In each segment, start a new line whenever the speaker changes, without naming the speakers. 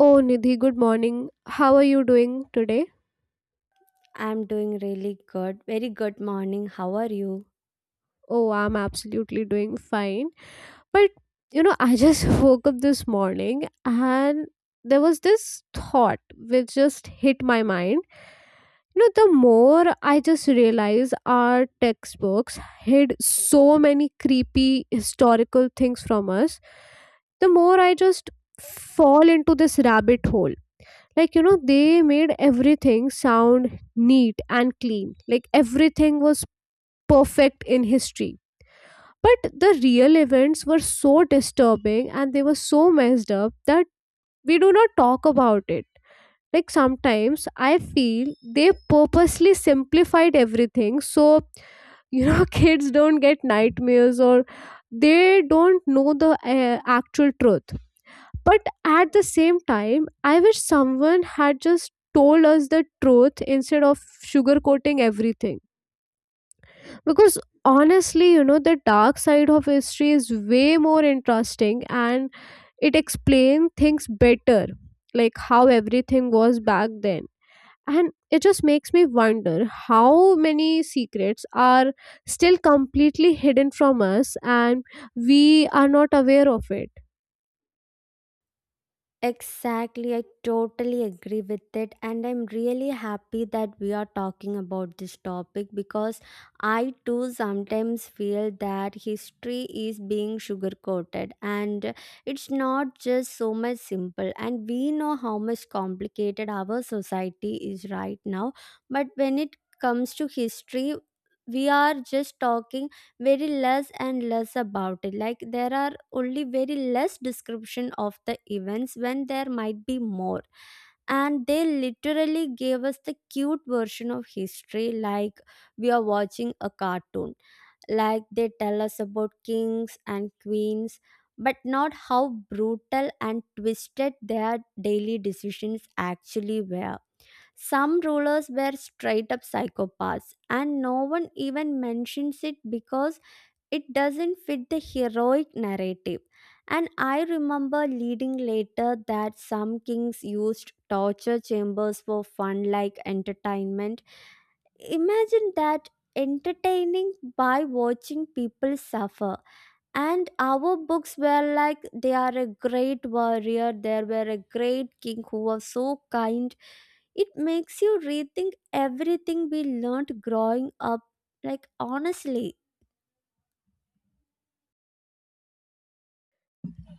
Oh, Nidhi, good morning. How are you doing today?
I'm doing really good. Very good morning. How are you?
Oh, I'm absolutely doing fine. But, I just woke up this morning, and there was this thought which just hit my mind. You know, the more I just realize our textbooks hid so many creepy historical things from us, the more I just fall into this rabbit hole. Like, they made everything sound neat and clean, like everything was perfect in history, but the real events were so disturbing and they were so messed up that we do not talk about it. Like, sometimes I feel they purposely simplified everything so, kids don't get nightmares, or they don't know the actual truth. But at the same time, I wish someone had just told us the truth instead of sugarcoating everything. Because honestly, the dark side of history is way more interesting, and it explains things better, like how everything was back then. And it just makes me wonder how many secrets are still completely hidden from us and we are not aware of it.
Exactly. I totally agree with it. And I'm really happy that we are talking about this topic because I too sometimes feel that history is being sugar coated, and it's not just so much simple. And we know how much complicated our society is right now. But when it comes to history, we are just talking very less and less about it. Like, there are only very less description of the events when there might be more, and they literally gave us the cute version of history, like we are watching a cartoon. Like, they tell us about kings and queens but not how brutal and twisted their daily decisions actually were. Some rulers were straight up psychopaths and no one even mentions it because it doesn't fit the heroic narrative. And I remember reading later that some kings used torture chambers for fun, like entertainment. Imagine that, entertaining by watching people suffer. And our books were like, they are a great warrior, there were a great king who was so kind. It makes you rethink everything we learned growing up, like, honestly.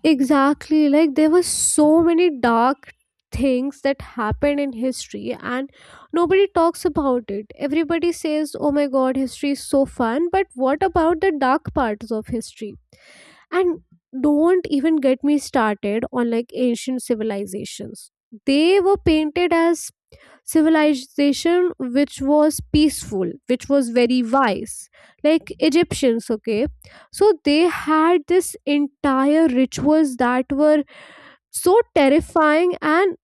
Exactly. Like, there were so many dark things that happened in history, and nobody talks about it. Everybody says, "Oh my god, history is so fun," but what about the dark parts of history? And don't even get me started on like ancient civilizations. They were painted as civilization which was peaceful, which was very wise, like Egyptians. Okay, so they had this entire rituals that were so terrifying, and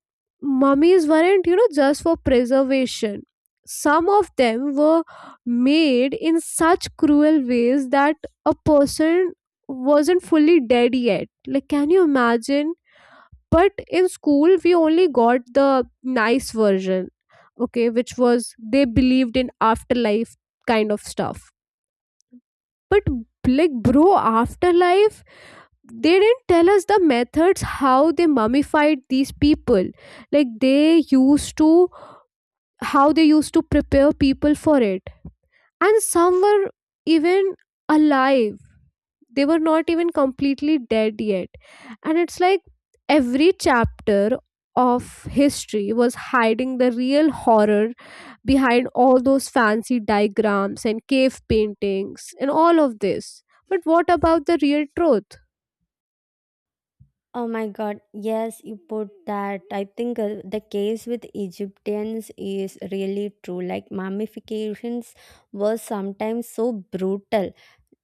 mummies weren't, just for preservation. Some of them were made in such cruel ways that a person wasn't fully dead yet. Like, can you imagine? But in school we only got the nice version, okay, which was they believed in afterlife kind of stuff. But, like, bro, afterlife. They didn't tell us the methods how they mummified these people, like they used to, how they used to prepare people for it. And some were even alive. They were not even completely dead yet. And it's like every chapter of history was hiding the real horror behind all those fancy diagrams and cave paintings and all of this. But what about the real truth?
Oh my God, yes, you put that. I think the case with Egyptians is really true. Like, mummifications were sometimes so brutal.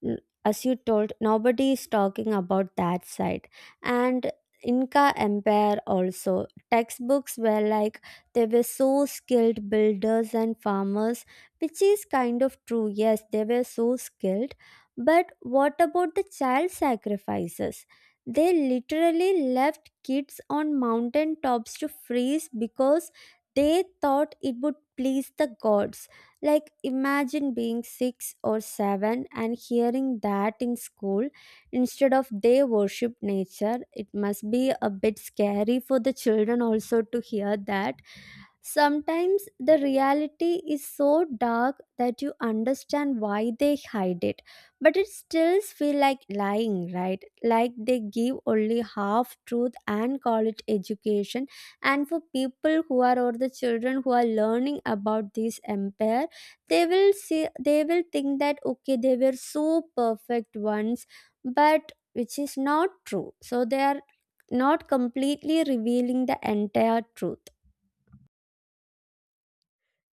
L- as you told, nobody is talking about that side. And Inca empire also, textbooks were like they were so skilled builders and farmers, which is kind of true. Yes, they were so skilled, but what about the child sacrifices? They literally left kids on mountain tops to freeze because they thought it would please the gods. Like, imagine being 6 or 7 and hearing that in school instead of they worship nature. It must be a bit scary for the children also to hear that. Sometimes the reality is so dark that you understand why they hide it, but it still feels like lying, right? Like they give only half truth and call it education. And for people who are, or the children who are learning about this empire, they will see, they will think that okay, they were so perfect once, but which is not true. So they are not completely revealing the entire truth.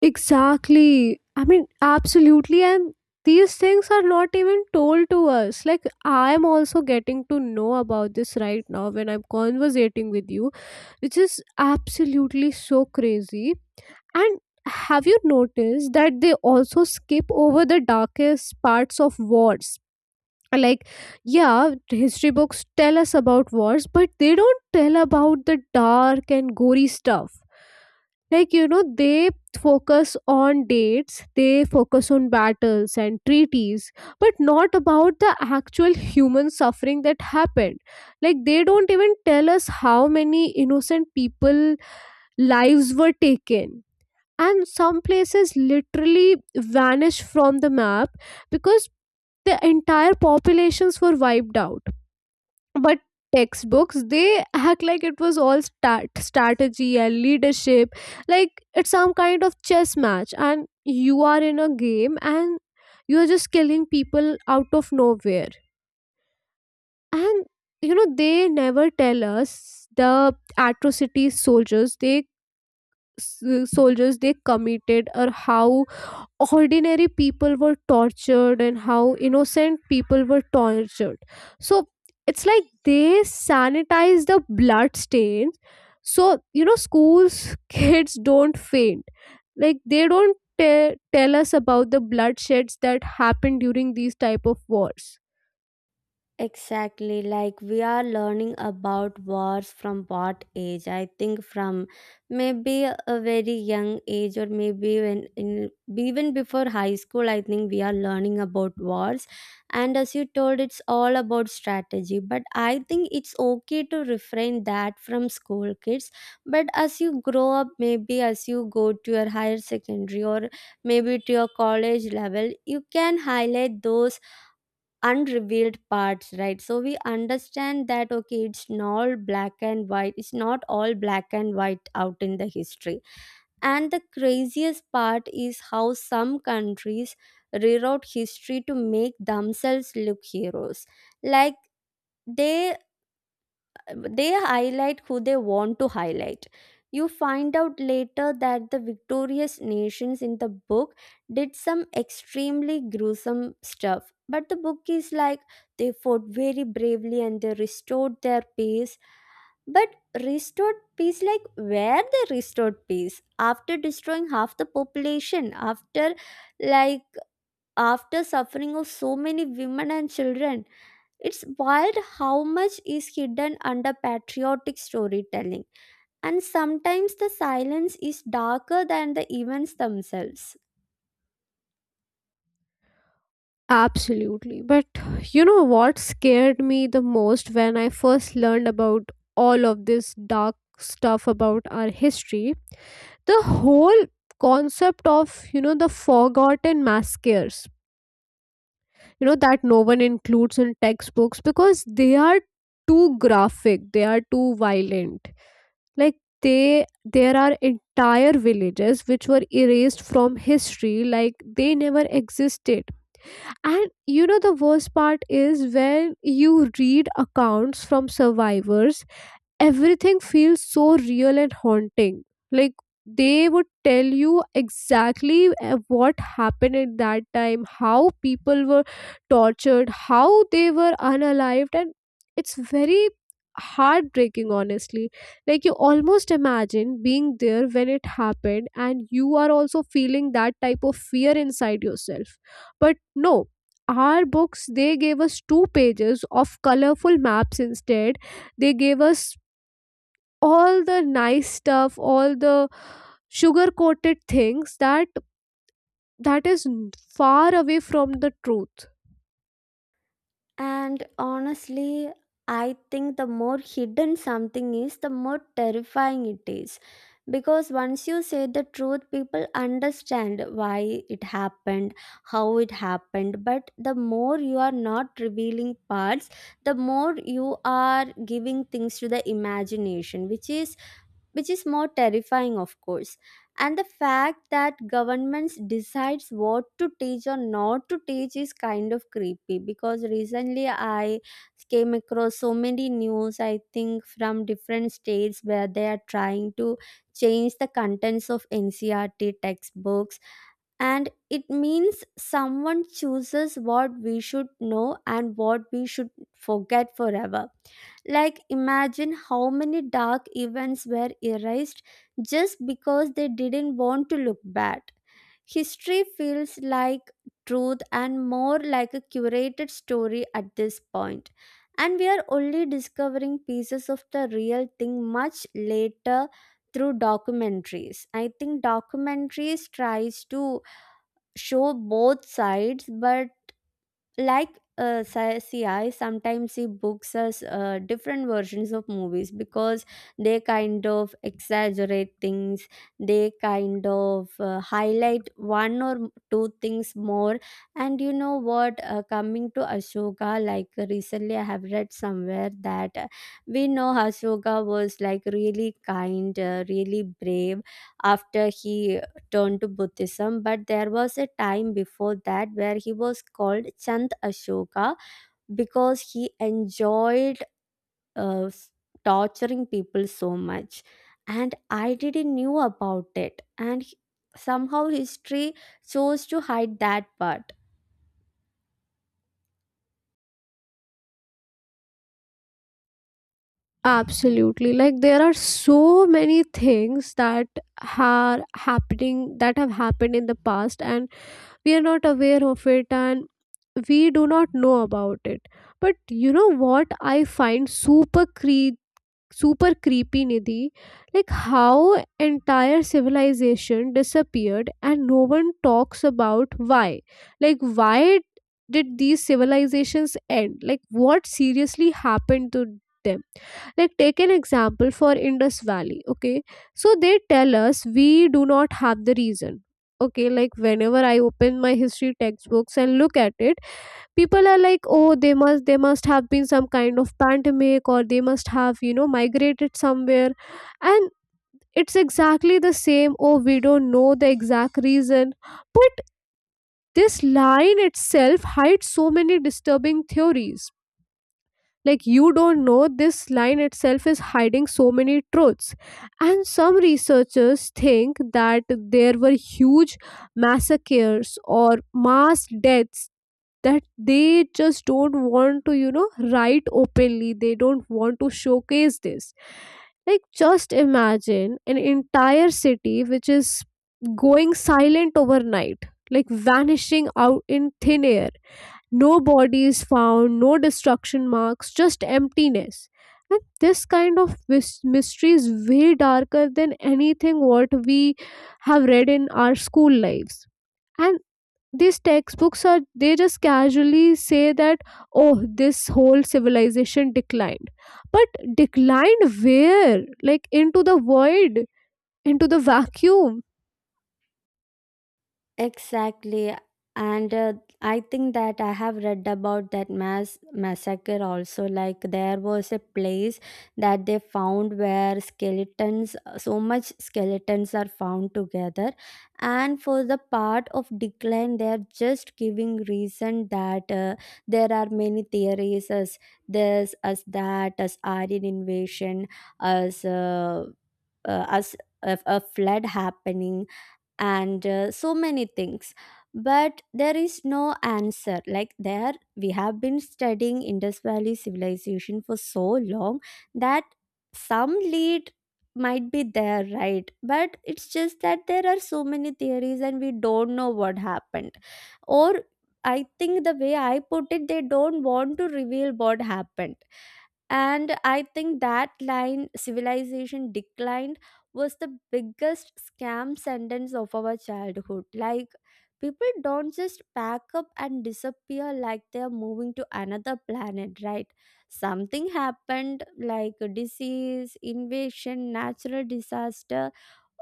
Exactly. I mean, absolutely. And these things are not even told to us. Like, I am also getting to know about this right now when I'm conversating with you, which is absolutely so crazy. And have you noticed that they also skip over the darkest parts of wars? Like, yeah, history books tell us about wars, but they don't tell about the dark and gory stuff. Like, they focus on dates, they focus on battles and treaties, but not about the actual human suffering that happened. Like, they don't even tell us how many innocent people lives were taken, and some places literally vanished from the map because the entire populations were wiped out. But textbooks, they act like it was all strategy and leadership, like it's some kind of chess match and you are in a game and you are just killing people out of nowhere. And they never tell us the atrocities soldiers they soldiers they committed, or how ordinary people were tortured and how innocent people were tortured. So it's like they sanitize the blood stains so schools kids don't faint. Like, they don't tell us about the bloodsheds that happened during these type of wars.
Exactly, like we are learning about wars from what age? I think from maybe a very young age, or maybe when in even before high school, I think we are learning about wars. And as you told, it's all about strategy, but I think it's okay to refrain that from school kids. But as you grow up, maybe as you go to your higher secondary or maybe to your college level, you can highlight those unrevealed parts, right? So we understand that okay, it's not black and white, it's not all black and white out in the history. And the craziest part is how some countries rewrote history to make themselves look heroes. Like, they they highlight who they want to highlight. You find out later that the victorious nations in the book did some extremely gruesome stuff. But the book is like, they fought very bravely and they restored their peace. But restored peace, like where they restored peace? After destroying half the population, after like after suffering of so many women and children, it's wild how much is hidden under patriotic storytelling, and sometimes the silence is darker than the events themselves.
Absolutely. But what scared me the most when I first learned about all of this dark stuff about our history, the whole concept of, the forgotten maskers, that no one includes in textbooks because they are too graphic, they are too violent. Like, they, there are entire villages which were erased from history, like they never existed. And the worst part is when you read accounts from survivors, everything feels so real and haunting. Like, they would tell you exactly what happened at that time, how people were tortured, how they were unalived, and it's very heartbreaking, honestly. Like, you almost imagine being there when it happened, and you are also feeling that type of fear inside yourself. But no. Our books, they gave us two pages of colorful maps instead. They gave us all the nice stuff, all the sugar coated things that, that is n- far away from the truth.
And honestly, I think the more hidden something is, the more terrifying it is. Because once you say the truth, people understand why it happened, how it happened. But the more you are not revealing parts, the more you are giving things to the imagination, which is more terrifying, of course. And the fact that governments decides what to teach or not to teach is kind of creepy because recently I came across so many news, I think from different states, where they are trying to change the contents of NCRT textbooks. And it means someone chooses what we should know and what we should forget forever. Like, imagine how many dark events were erased just because they didn't want to look bad. History feels like truth and more like a curated story at this point. And we are only discovering pieces of the real thing much later through documentaries. I think documentaries tries to show both sides, but like, sci- ci sometimes see books as different versions of movies because they kind of exaggerate things, they kind of highlight one or two things more. And you know what, coming to Ashoka, like recently I have read somewhere that we know Ashoka was like really kind, really brave after he turned to Buddhism. But there was a time before that where he was called Chand Ashoka because he enjoyed uh, s- torturing people so much. And I didn't knew about it, and somehow history chose to hide that part.
Absolutely. Like, there are so many things that are happening that have happened in the past and we are not aware of it and we do not know about it. But what I find super creepy, Nidhi. Like, how entire civilization disappeared and no one talks about why. Like, why did these civilizations end? Like, what seriously happened to them? Like, take an example for Indus Valley. Okay, so they tell us we do not have the reason. Okay, like whenever I open my history textbooks and look at it, people are like, oh, they must, they must have been some kind of pandemic, or they must have, migrated somewhere. And it's exactly the same, oh, we don't know the exact reason. But this line itself hides so many disturbing theories. Like, you don't know, this line itself is hiding so many truths. And some researchers think that there were huge massacres or mass deaths that they just don't want to, write openly. They don't want to showcase this. Like, just imagine an entire city which is going silent overnight, like vanishing out in thin air. No bodies found, no destruction marks, just emptiness. And this kind of mystery is way darker than anything what we have read in our school lives. And these textbooks are, they just casually say that, oh, this whole civilization declined. But declined where? Like into the void, into the vacuum.
Exactly. And I think that I have read about that mass massacre also. Like, there was a place that they found where skeletons, so much skeletons are found together. And for the part of decline, they are just giving reason that there are many theories as this, as that, as Aryan invasion, as, uh, as a flood happening, and so many things. But there is no answer. Like, there we have been studying Indus Valley civilization for so long that some lead might be there, right? But it's just that there are so many theories and we don't know what happened. Or I think the way I put it, they don't want to reveal what happened. And I think that line civilization declined was the biggest scam sentence of our childhood. Like, people don't just pack up and disappear like they are moving to another planet, right? Something happened, like a disease invasion, natural disaster,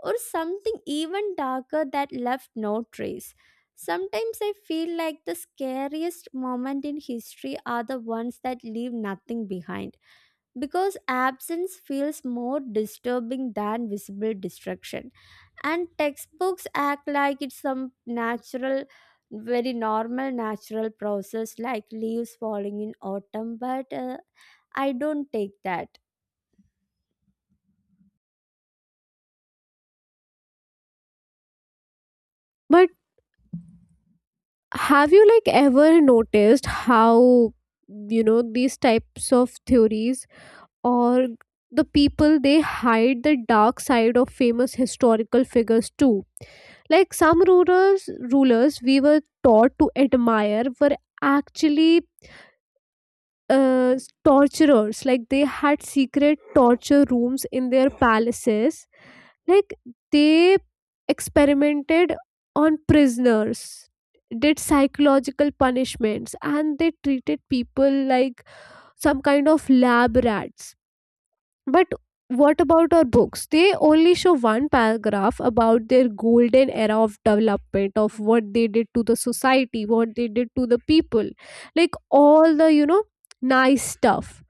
or something even darker that left no trace. Sometimes I feel like the scariest moment in history are the ones that leave nothing behind because absence feels more disturbing than visible destruction. And textbooks act like it's some natural, very normal natural process, like leaves falling in autumn. But I don't take that.
But have you, like, ever noticed how, these types of theories, or the people, they hide the dark side of famous historical figures too? Like, some rulers, rulers we were taught to admire were actually, uh, torturers. Like, they had secret torture rooms in their palaces. Like, they experimented on prisoners, did psychological punishments, and they treated people like some kind of lab rats. But what about our books? They only show one paragraph about their golden era of development, of what they did to the society, what they did to the people. Like, all the, nice stuff.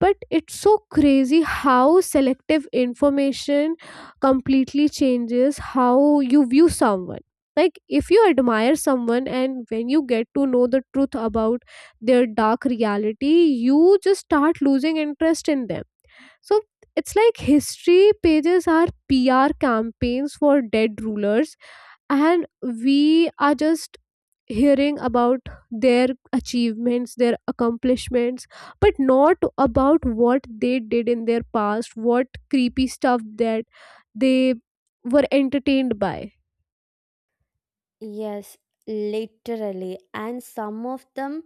But it's so crazy how selective information completely changes how you view someone. Like, if you admire someone and when you get to know the truth about their dark reality, you just start losing interest in them. So it's like history pages are PR campaigns for dead rulers, and we are just hearing about their achievements, their accomplishments, but not about what they did in their past, what creepy stuff that they were entertained by.
Yes, literally. And some of them,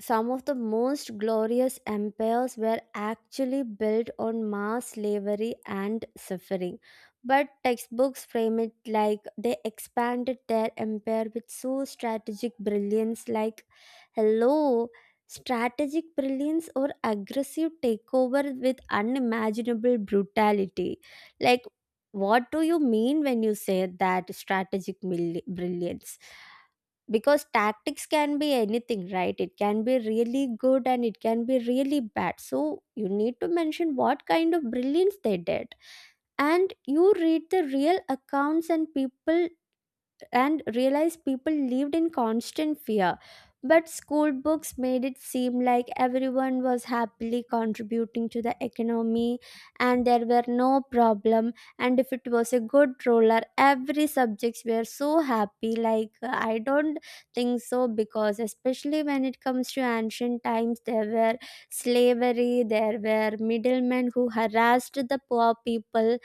some of the most glorious empires were actually built on mass slavery and suffering. But textbooks frame it like they expanded their empire with so strategic brilliance. Like, hello, strategic brilliance or aggressive takeover with unimaginable brutality. Like, what do you mean when you say that strategic brilliance? Because tactics can be anything, right? It can be really good and it can be really bad, so you need to mention what kind of brilliance they did. And you read the real accounts and people and realized people lived in constant fear. But school books made it seem like everyone was happily contributing to the economy and there were no problem. And if it was a good roller, every subjects were so happy. Like, I don't think so, because especially when it comes to ancient times, there were slavery, there were middlemen who harassed the poor people.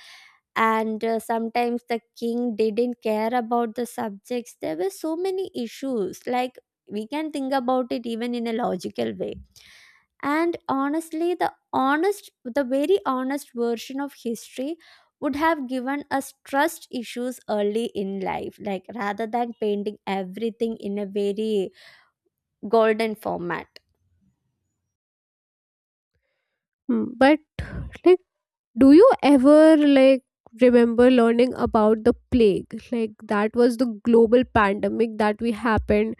And sometimes the king didn't care about the subjects. There were so many issues, like we can think about it even in a logical way. And honestly, the very honest version of history would have given us trust issues early in life, like rather than painting everything in a very golden format.
Hmm. But, like, do you ever, like, remember learning about the plague? Like, that was the global pandemic that we happened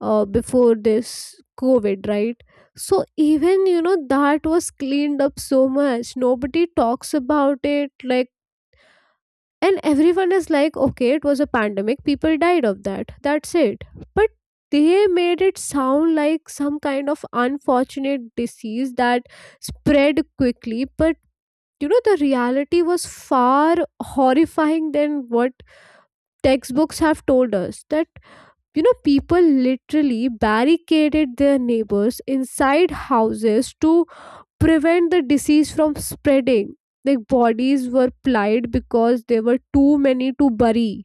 before this COVID, right? So even that was cleaned up so much. Nobody talks about it. Like, and everyone is like, okay, it was a pandemic, people died of that, that's it. But they made it sound like some kind of unfortunate disease that spread quickly, but the reality was far horrifying than what textbooks have told us. That, people literally barricaded their neighbors inside houses to prevent the disease from spreading. Like, bodies were plied because there were too many to bury,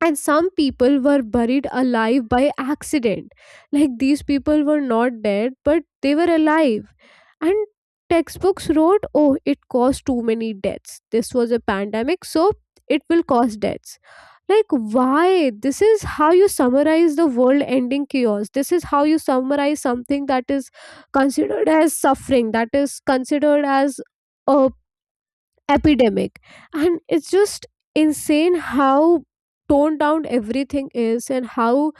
and some people were buried alive by accident. Like, these people were not dead, but they were alive. And textbooks wrote, oh, it caused too many deaths, this was a pandemic, so it will cause deaths. Like, why? This is how you summarize the world ending chaos? This is how you summarize something that is considered as suffering, that is considered as a epidemic? And it's just insane how toned down everything is and how,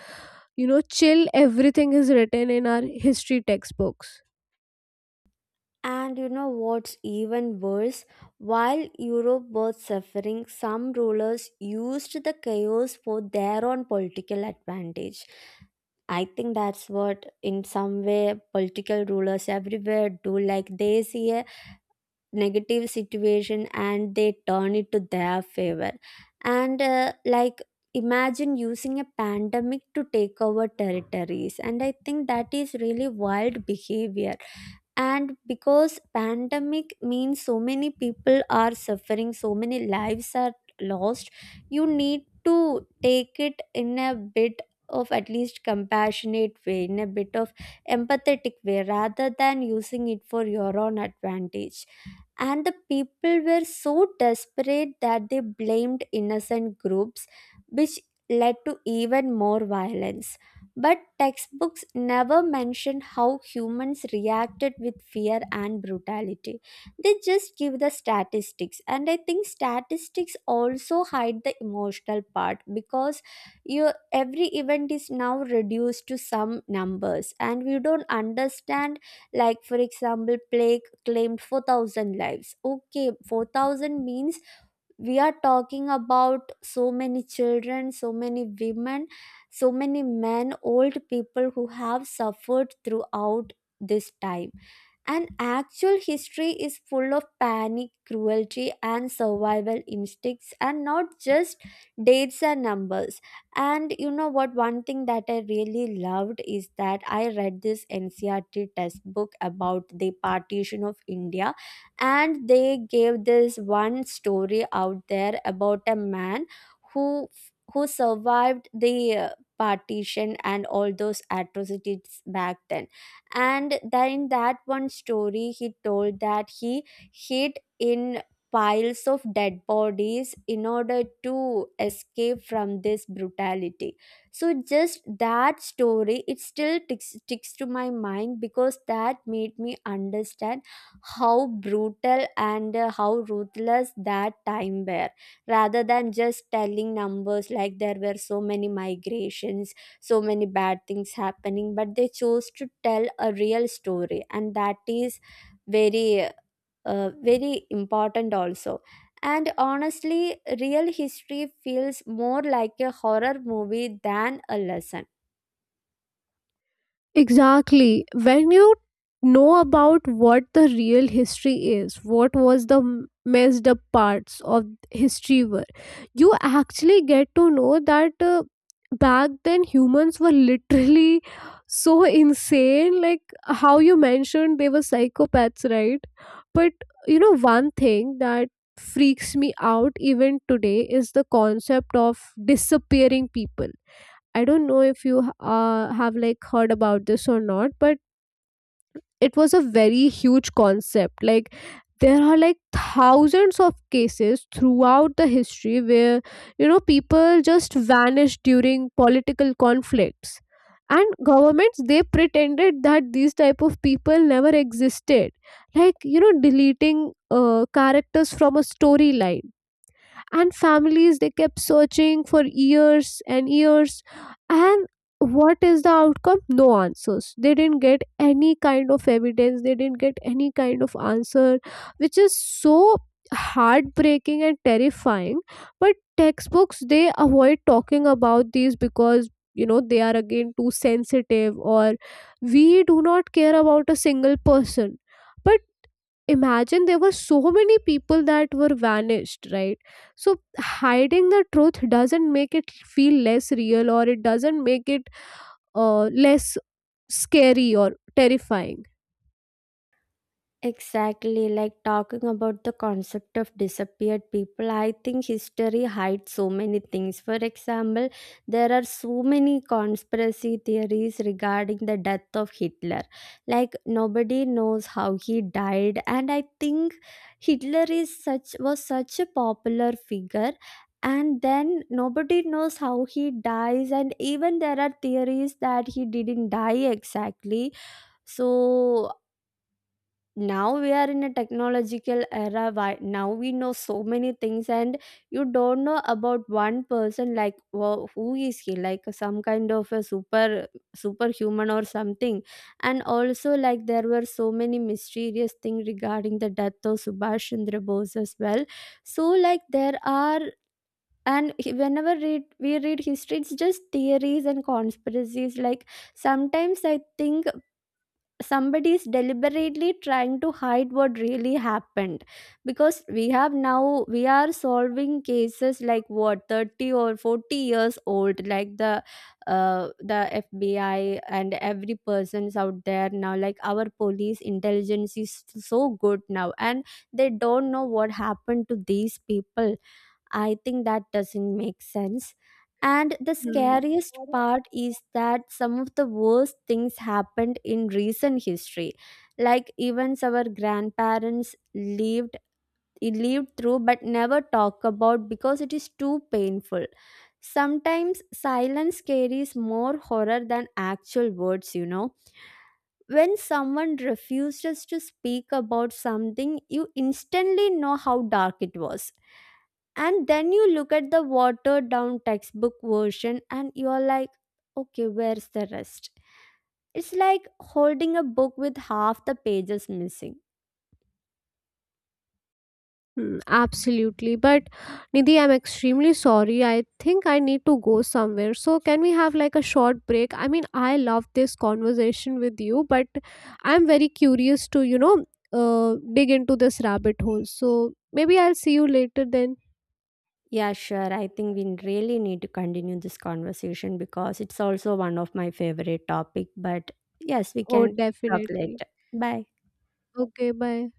chill everything is written in our history textbooks.
And you know what's even worse? While Europe was suffering, some rulers used the chaos for their own political advantage. I think that's what, in some way, political rulers everywhere do. Like, they see a negative situation and they turn it to their favor. And like, imagine using a pandemic to take over territories, and I think that is really wild behavior. And because pandemic means so many people are suffering, so many lives are lost, you need to take it in a bit of at least compassionate way, in a bit of empathetic way, rather than using it for your own advantage. And the people were so desperate that they blamed innocent groups, which led to even more violence. But textbooks never mention how humans reacted with fear and brutality. They just give the statistics, and I think statistics also hide the emotional part because you, every event is now reduced to some numbers, and we don't understand. Like, for example, plague claimed 4,000 lives. Okay, 4,000 means we are talking about so many children, so many women, so many men, old people who have suffered throughout this time. And actual history is full of panic, cruelty, and survival instincts, and not just dates and numbers. And you know what? One thing that I really loved is that I read this NCRT textbook about the partition of India, and they gave this one story out there about a man who who survived the partition and all those atrocities back then. And then in that one story he told that he hid in piles of dead bodies in order to escape from this brutality. So just that story, it still ticks to my mind, because that made me understand how brutal and how ruthless that time were, rather than just telling numbers like there were so many migrations, so many bad things happening. But they chose to tell a real story, and that is very, very important also. And honestly real history feels more like a horror movie than a lesson.
Exactly. When you know about what the real history is, what was the messed up parts of history were, you actually get to know that back then humans were literally so insane. Like, how you mentioned, they were psychopaths, right? But, one thing that freaks me out even today is the concept of disappearing people. I don't know if you have, like, heard about this or not, but it was a very huge concept. Like, there are like thousands of cases throughout the history where people just vanished during political conflicts, and governments they pretended that these type of people never existed, like, deleting characters from a storyline. And families, they kept searching for years and years. And what is the outcome? No answers. They didn't get any kind of evidence, they didn't get any kind of answer, which is so heartbreaking and terrifying. But textbooks, they avoid talking about these because they are again too sensitive, or we do not care about a single person. But imagine there were so many people that were vanished, right? So hiding the truth doesn't make it feel less real, or it doesn't make it less scary or terrifying.
Exactly, like talking about the concept of disappeared people. I think history hides so many things. For example, there are so many conspiracy theories regarding the death of Hitler. Like, nobody knows how he died, and I think Hitler is such was such a popular figure. And then nobody knows how he dies, and even there are theories that he didn't die exactly. So now we are in a technological era, why now we know so many things and you don't know about one person, like who is he, like some kind of a superhuman or something. And also like there were so many mysterious things regarding the death of Subhash Chandra Bose as well. So like there are, and whenever read, we read history, it's just theories and conspiracies. Like, sometimes I think somebody is deliberately trying to hide what really happened. Because we have, now we are solving cases like what, 30 or 40 years old, like the the FBI and every person's out there now, like our police intelligence is so good now, and they don't know what happened to these people. I think that doesn't make sense. And the
Hmm.
scariest part is that some of the worst things happened in recent history. Like events our grandparents lived through but never talk about because it is too painful. Sometimes silence carries more horror than actual words, you know. When someone refuses to speak about something, you instantly know how dark it was. And then you look at the watered down textbook version and you're like okay, where's the rest? It's like holding a book with half the pages missing.
Hmm. Absolutely. But Nidhi, I'm extremely sorry. I think I need to go somewhere. So, can we have like a short break? I mean, I love this conversation with you, but I'm very curious to, dig into this rabbit hole. So, maybe I'll see you later then.
Yeah, sure, I think we really need to continue this conversation because it's also one of my favorite topic. But yes, we
Oh,
can talk
definitely.
later. Bye.
Okay, bye.